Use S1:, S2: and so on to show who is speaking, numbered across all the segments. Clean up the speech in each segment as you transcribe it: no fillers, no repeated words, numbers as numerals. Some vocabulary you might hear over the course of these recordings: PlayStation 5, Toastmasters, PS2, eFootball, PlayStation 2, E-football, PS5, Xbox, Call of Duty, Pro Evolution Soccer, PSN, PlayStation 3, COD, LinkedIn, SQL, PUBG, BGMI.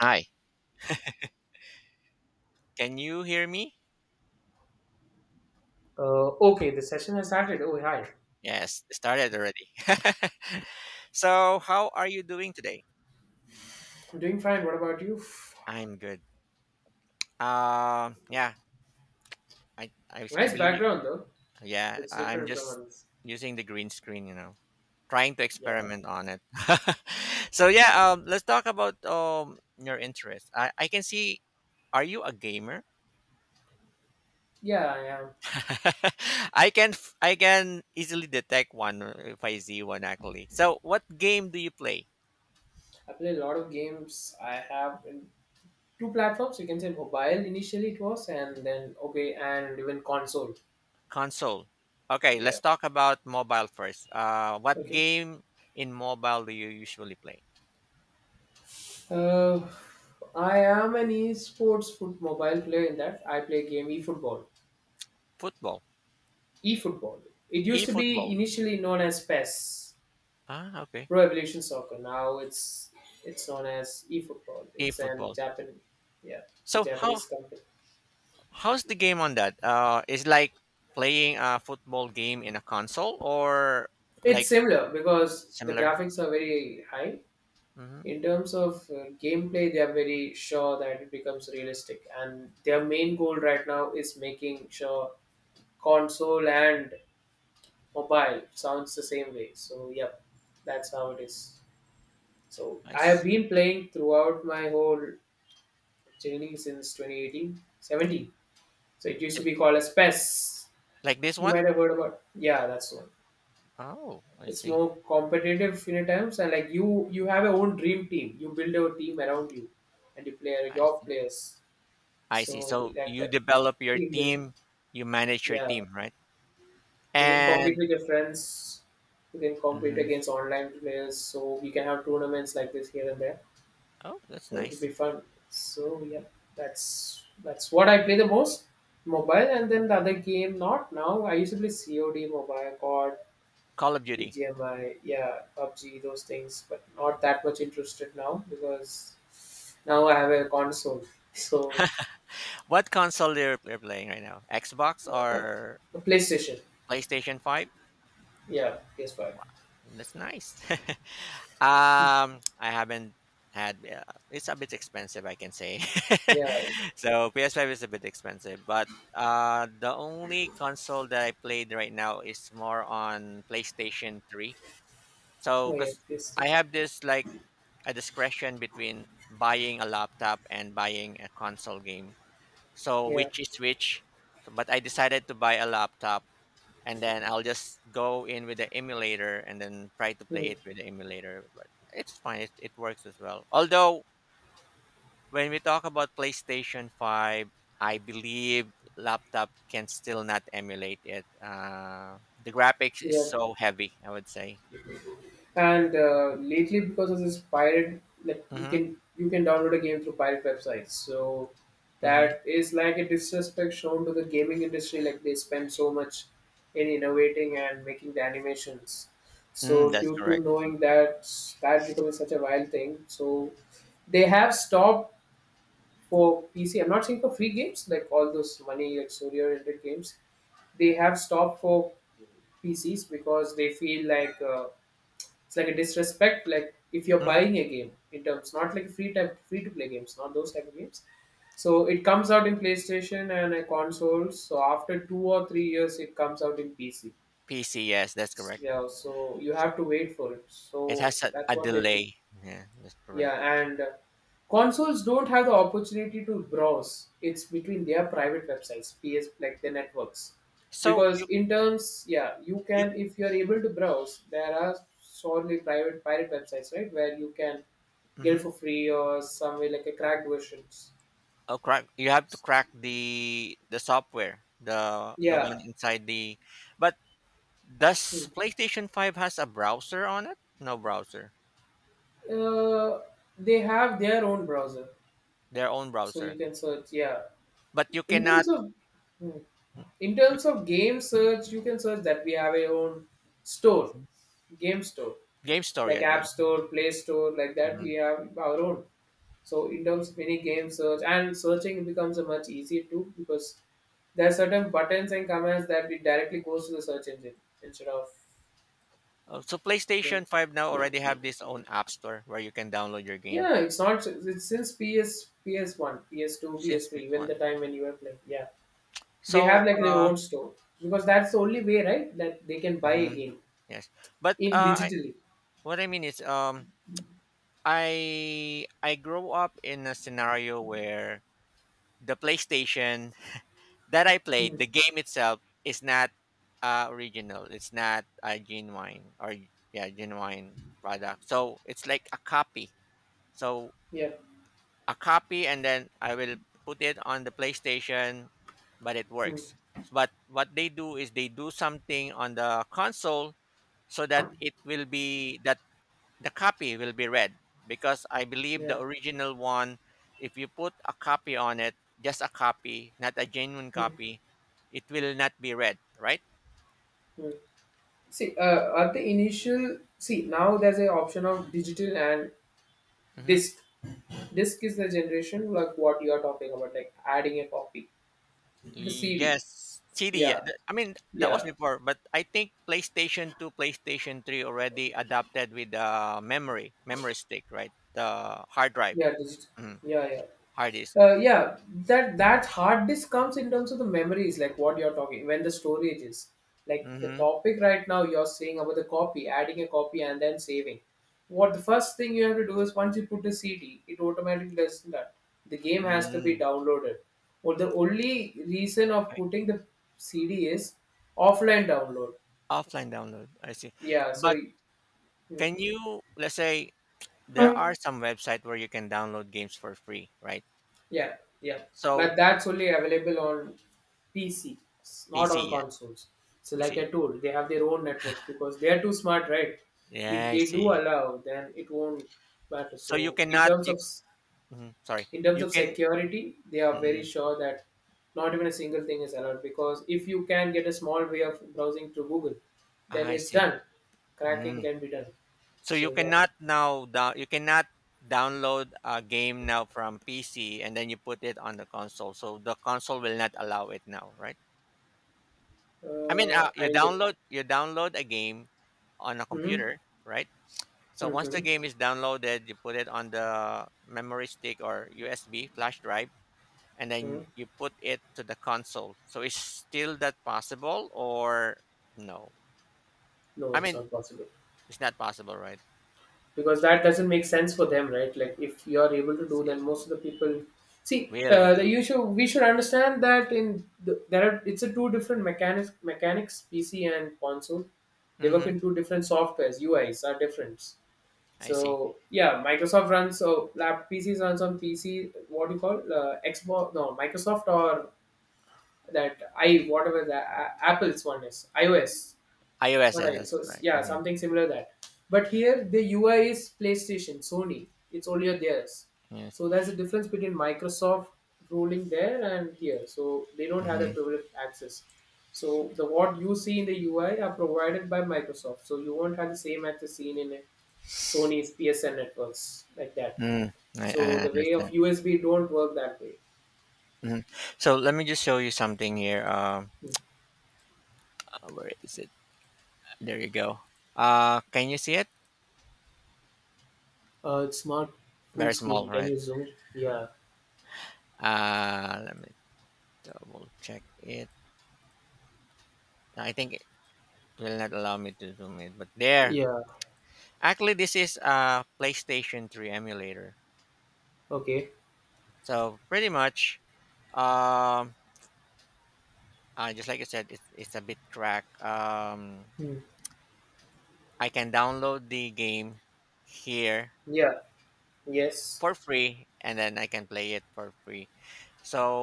S1: Hi, can you hear me?
S2: Okay, the session has started. Oh, hi.
S1: Yes, it started already. How are you doing today?
S2: I'm doing fine. What about you?
S1: I'm good. Um, yeah, I
S2: Nice
S1: believe you.
S2: background, though.
S1: Yeah,
S2: It's
S1: I'm
S2: different from
S1: just
S2: others.
S1: using the green screen, trying to
S2: Yeah.
S1: experiment on it. Let's talk about your interest. I can see. Are you a gamer?
S2: Yeah, I am.
S1: I can easily detect one if I see one actually. So, what game do you play?
S2: I play a lot of games. I have in two platforms. You can say mobile initially it was, and then, okay, and even console.
S1: Console. Okay,
S2: Yeah.
S1: let's talk about mobile first. What
S2: Okay.
S1: game in mobile do you usually play?
S2: Uh, I am an esports foot mobile player in that I play game eFootball.
S1: Football.
S2: eFootball. It used to be
S1: E-football.
S2: initially known as PES.
S1: Ah, okay.
S2: Pro Evolution Soccer. Now it's known as eFootball. It's an
S1: E-football.
S2: Japan, yeah, it's a
S1: So how
S2: Japanese company.
S1: how's the game on that? Is like playing a football game in a console or
S2: It's
S1: like
S2: similar because the
S1: similar?
S2: graphics are very high.
S1: Mm-hmm.
S2: In terms of gameplay, they are very sure that it becomes realistic, and their main goal right now is making sure console and mobile sounds the same way. So, yep, that's how it is. So, I have
S1: Nice.
S2: been playing throughout my whole journey since 2018 17. So it used to
S1: It,
S2: be called as PES.
S1: like this
S2: You
S1: one?
S2: might have heard about. Yeah, that's one.
S1: Oh, I
S2: It's
S1: see.
S2: more competitive in a terms, and like you have your own dream team. You build your team around you, and you play
S1: I
S2: your
S1: see.
S2: players.
S1: I see.
S2: So
S1: So
S2: like
S1: you
S2: that
S1: develop your
S2: team build.
S1: team, you manage your
S2: Yeah,
S1: team, right?
S2: you can compete
S1: And
S2: with your friends. You can compete
S1: mhm.
S2: against online players. So we can have tournaments like this here and there.
S1: Oh, that's
S2: So it'll be
S1: nice.
S2: fun. So yeah, that's what I play the most, mobile, and then the other game not now. I used to play COD mobile, COD,
S1: Call of Duty.
S2: BGMI, yeah, PUBG, those things, but not that much interested now because now I have a console. So,
S1: What console you're playing right now? Xbox
S2: uh,
S1: or
S2: a PlayStation,
S1: PlayStation 5?
S2: yeah, PS5,
S1: That's nice. I haven't had it's a bit expensive, I can say.
S2: yeah,
S1: So PS5 is a bit expensive, but the only console that I played right now is more on PlayStation 3. So
S2: oh yes,
S1: cuz
S2: PS2,
S1: I have this like a discretion between buying a laptop and buying a console game. So
S2: yeah,
S1: which is which? So, but I decided to buy a laptop and then I'll just go in with the emulator and then try to play
S2: hmm,
S1: it with the emulator. But it's fine; it works as well. Although when we talk about PlayStation Five, I believe laptop can still not emulate it. The graphics is
S2: yeah.
S1: so heavy. I would say.
S2: And lately, because of this pirate, like you
S1: Mm-hmm.
S2: can download a game through pirate websites. So
S1: Mm-hmm.
S2: that is like a disrespect shown to the gaming industry. Like they spend so much in innovating and making the animations.
S1: Mm,
S2: So
S1: that's
S2: due to
S1: correct.
S2: knowing that that becoming such a wild thing, so they have stopped for PC. I'm not saying for free games like all those money like story oriented games. They have stopped for PCs because they feel like. It's like a disrespect. Like if you're
S1: Mm-hmm.
S2: buying a game in terms, not like free type, free to play games, not those type of games. So it comes out in PlayStation and consoles. So after 2 or 3 years, it comes out in PC.
S1: PC, yes, that's correct.
S2: Yeah, so you
S1: So
S2: have to wait for it.
S1: it
S2: So
S1: has a,
S2: that's
S1: a
S2: what they feel.
S1: delay. Yeah, that's
S2: Yeah,
S1: correct.
S2: and consoles don't have the opportunity to browse. It's between their private websites, PS like the networks.
S1: So
S2: Because
S1: you
S2: in terms, yeah, you
S1: you.
S2: can if you're able to browse, there are solely private pirate websites, right? Where you can get it for
S1: Mhm.
S2: free or some way like a cracked versions.
S1: Oh, crack! You have to crack the software, the
S2: Yeah.
S1: one inside the. But does PlayStation Five has a browser on it? No browser,
S2: Uh, they have their own browser.
S1: their own
S2: So you
S1: browser.
S2: can search, yeah.
S1: But you
S2: In
S1: cannot
S2: terms of in
S1: you,
S2: terms of game search, you can search that we have a own store
S1: Mhm.
S2: game store
S1: Game Store,
S2: like
S1: yeah,
S2: app
S1: Game Store.
S2: store play store like that
S1: Mhm.
S2: we have our own, so in terms of any game search and searching becomes a much easier too because there are certain buttons and commands that it directly goes to the search engine instead of.
S1: Oh, so PlayStation Five now already have this own app store where you can download your game
S2: Yeah, it's not it's since ps, PS1, PS2,
S1: since this
S2: PS3, when the
S1: one.
S2: time when you were playing, yeah, they have
S1: So,
S2: like their
S1: uh,
S2: own store because that's the only way, right, that they can buy a
S1: mhm,
S2: game
S1: yes, but
S2: in digitally.
S1: what I mean is, I grew up in a scenario where the PlayStation that I
S2: Hmm.
S1: played, the game itself is not original. It's not a genuine or yeah, genuine product. So it's like a copy. So
S2: Yeah.
S1: a copy, and then I will put it on the PlayStation, but it
S2: Hmm.
S1: works. But what they do is they do something on the console so that it will be that the copy will be read because I believe
S2: Yeah.
S1: the original one, if you put a copy on it, just a copy, not a genuine
S2: Hmm.
S1: copy, it will not be read, right?
S2: Hmm. See, at the initial, see now there's a option of digital and
S1: Hmm.
S2: disc. Disc is the generation like what you are talking about, like adding a copy, the CD.
S1: Yes, CD.
S2: Yeah,
S1: I mean, that was
S2: yeah,
S1: before, but I think PlayStation 2, PlayStation 3 already adapted with the memory, memory stick, right? The hard drive,
S2: yeah, digital.
S1: mm,
S2: Yeah, yeah.
S1: hard disk.
S2: Yeah, that hard disk comes in terms of the memories, like what you're talking when the storage is like the
S1: Hmm.
S2: topic right now. You're saying about the copy, adding a copy and then saving. What the first thing you have to do is once you put the CD, it automatically does that. The game has to be
S1: Mm.
S2: downloaded. Well, the only reason of
S1: Okay.
S2: putting the CD is offline download.
S1: Offline download, I see.
S2: Yeah, so.
S1: But can you, let's say, there are some website where you can download games for free, right?
S2: Yeah, yeah.
S1: So
S2: But that's only available on PC, it's not
S1: PC,
S2: on
S1: yeah,
S2: consoles. So, like I
S1: PC.
S2: told, they have their own networks because they are too smart, right? If
S1: Yeah, I
S2: they do
S1: see.
S2: allow, then it won't matter.
S1: So you
S2: So, in
S1: cannot.
S2: terms
S1: You,
S2: of
S1: mhm, sorry,
S2: in terms
S1: you
S2: of
S1: can.
S2: security, they are very
S1: Mm,
S2: sure that not even a single thing is allowed because if you can get a small way of browsing through Google, then
S1: I
S2: it's
S1: see.
S2: done. Cracking
S1: Mm.
S2: can be done.
S1: So you
S2: So yeah,
S1: cannot now. You cannot download a game now from PC and then you put it on the console. So the console will not allow it now, right? I mean, you
S2: I get.
S1: download you download a game on a
S2: Mm-hmm.
S1: computer, right? So once the
S2: Mm-hmm.
S1: game is downloaded, you put it on the memory stick or USB flash drive, and
S2: Hmm. Hmm.
S1: then you put it to the console. So is still that possible or no?
S2: No,
S1: I
S2: it's
S1: mean,
S2: not possible,
S1: it's not possible, right?
S2: because that doesn't make sense for them, right? Like if you are able to do, then most of the people see,
S1: Will
S2: the,
S1: do.
S2: you should, we should understand that in the, there are, it's a two different mechanics, PC and console. They work
S1: Mm-hmm.
S2: in two different softwares, UIs are different.
S1: I see.
S2: So yeah, microsoft runs so lab, PCs runs on PC, what do you call, Xbox, no, microsoft or that, I whatever the apple's one is iOS,
S1: iOS,
S2: what
S1: yeah,
S2: I.
S1: that's
S2: So
S1: right.
S2: yeah,
S1: Mm-hmm.
S2: something similar that. But here the UI is PlayStation, Sony. It's only theirs.
S1: Yes.
S2: So there's a difference between Microsoft ruling there and here. So they don't have
S1: Mm-hmm.
S2: that privileged access. So the what you see in the UI are provided by Microsoft. So you won't have the same access seen in Sony's PSN networks like that.
S1: Mm, I,
S2: So
S1: I
S2: the way of
S1: understand.
S2: USB don't work that way.
S1: Hmm. So let me just show you something here.
S2: Hmm.
S1: Where is it? There you go. Can you see it?
S2: It's not full
S1: Very small,
S2: screen. Can
S1: right?
S2: you zoom it? Yeah.
S1: Let me Double check it. I think it will not allow me to zoom it, but there.
S2: Yeah.
S1: Actually, this is a PlayStation 3 emulator.
S2: Okay.
S1: So pretty much, um, just like I said, it's a bit cracked.
S2: Hmm.
S1: I can download the game here
S2: Yeah. Yes.
S1: for free, and then I can play it for free.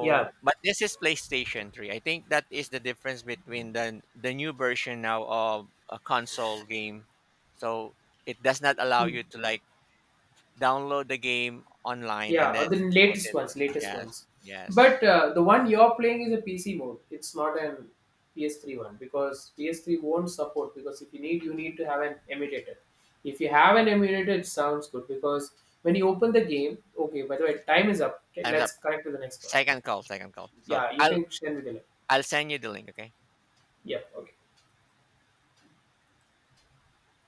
S2: Yeah.
S1: but this is PlayStation 3. I think that is the difference between the new version now of a console game. So it does not allow
S2: Hmm.
S1: you to like download the game online and
S2: Yeah, or the
S1: then put
S2: latest
S1: it.
S2: ones, latest
S1: Yes,
S2: ones. But
S1: yes.
S2: the one you're playing is a PC mode. It's not an PS3 one because PS3 won't support. Because if you need, you need to have an emulator. If you have an emulator, it sounds good because when you open the game, okay. By the way, time is up. Okay,
S1: Time's
S2: let's
S1: up.
S2: connect to the next one.
S1: Second call, second call.
S2: Yeah, you can share with the link.
S1: I'll send you the link, okay?
S2: Yeah, okay.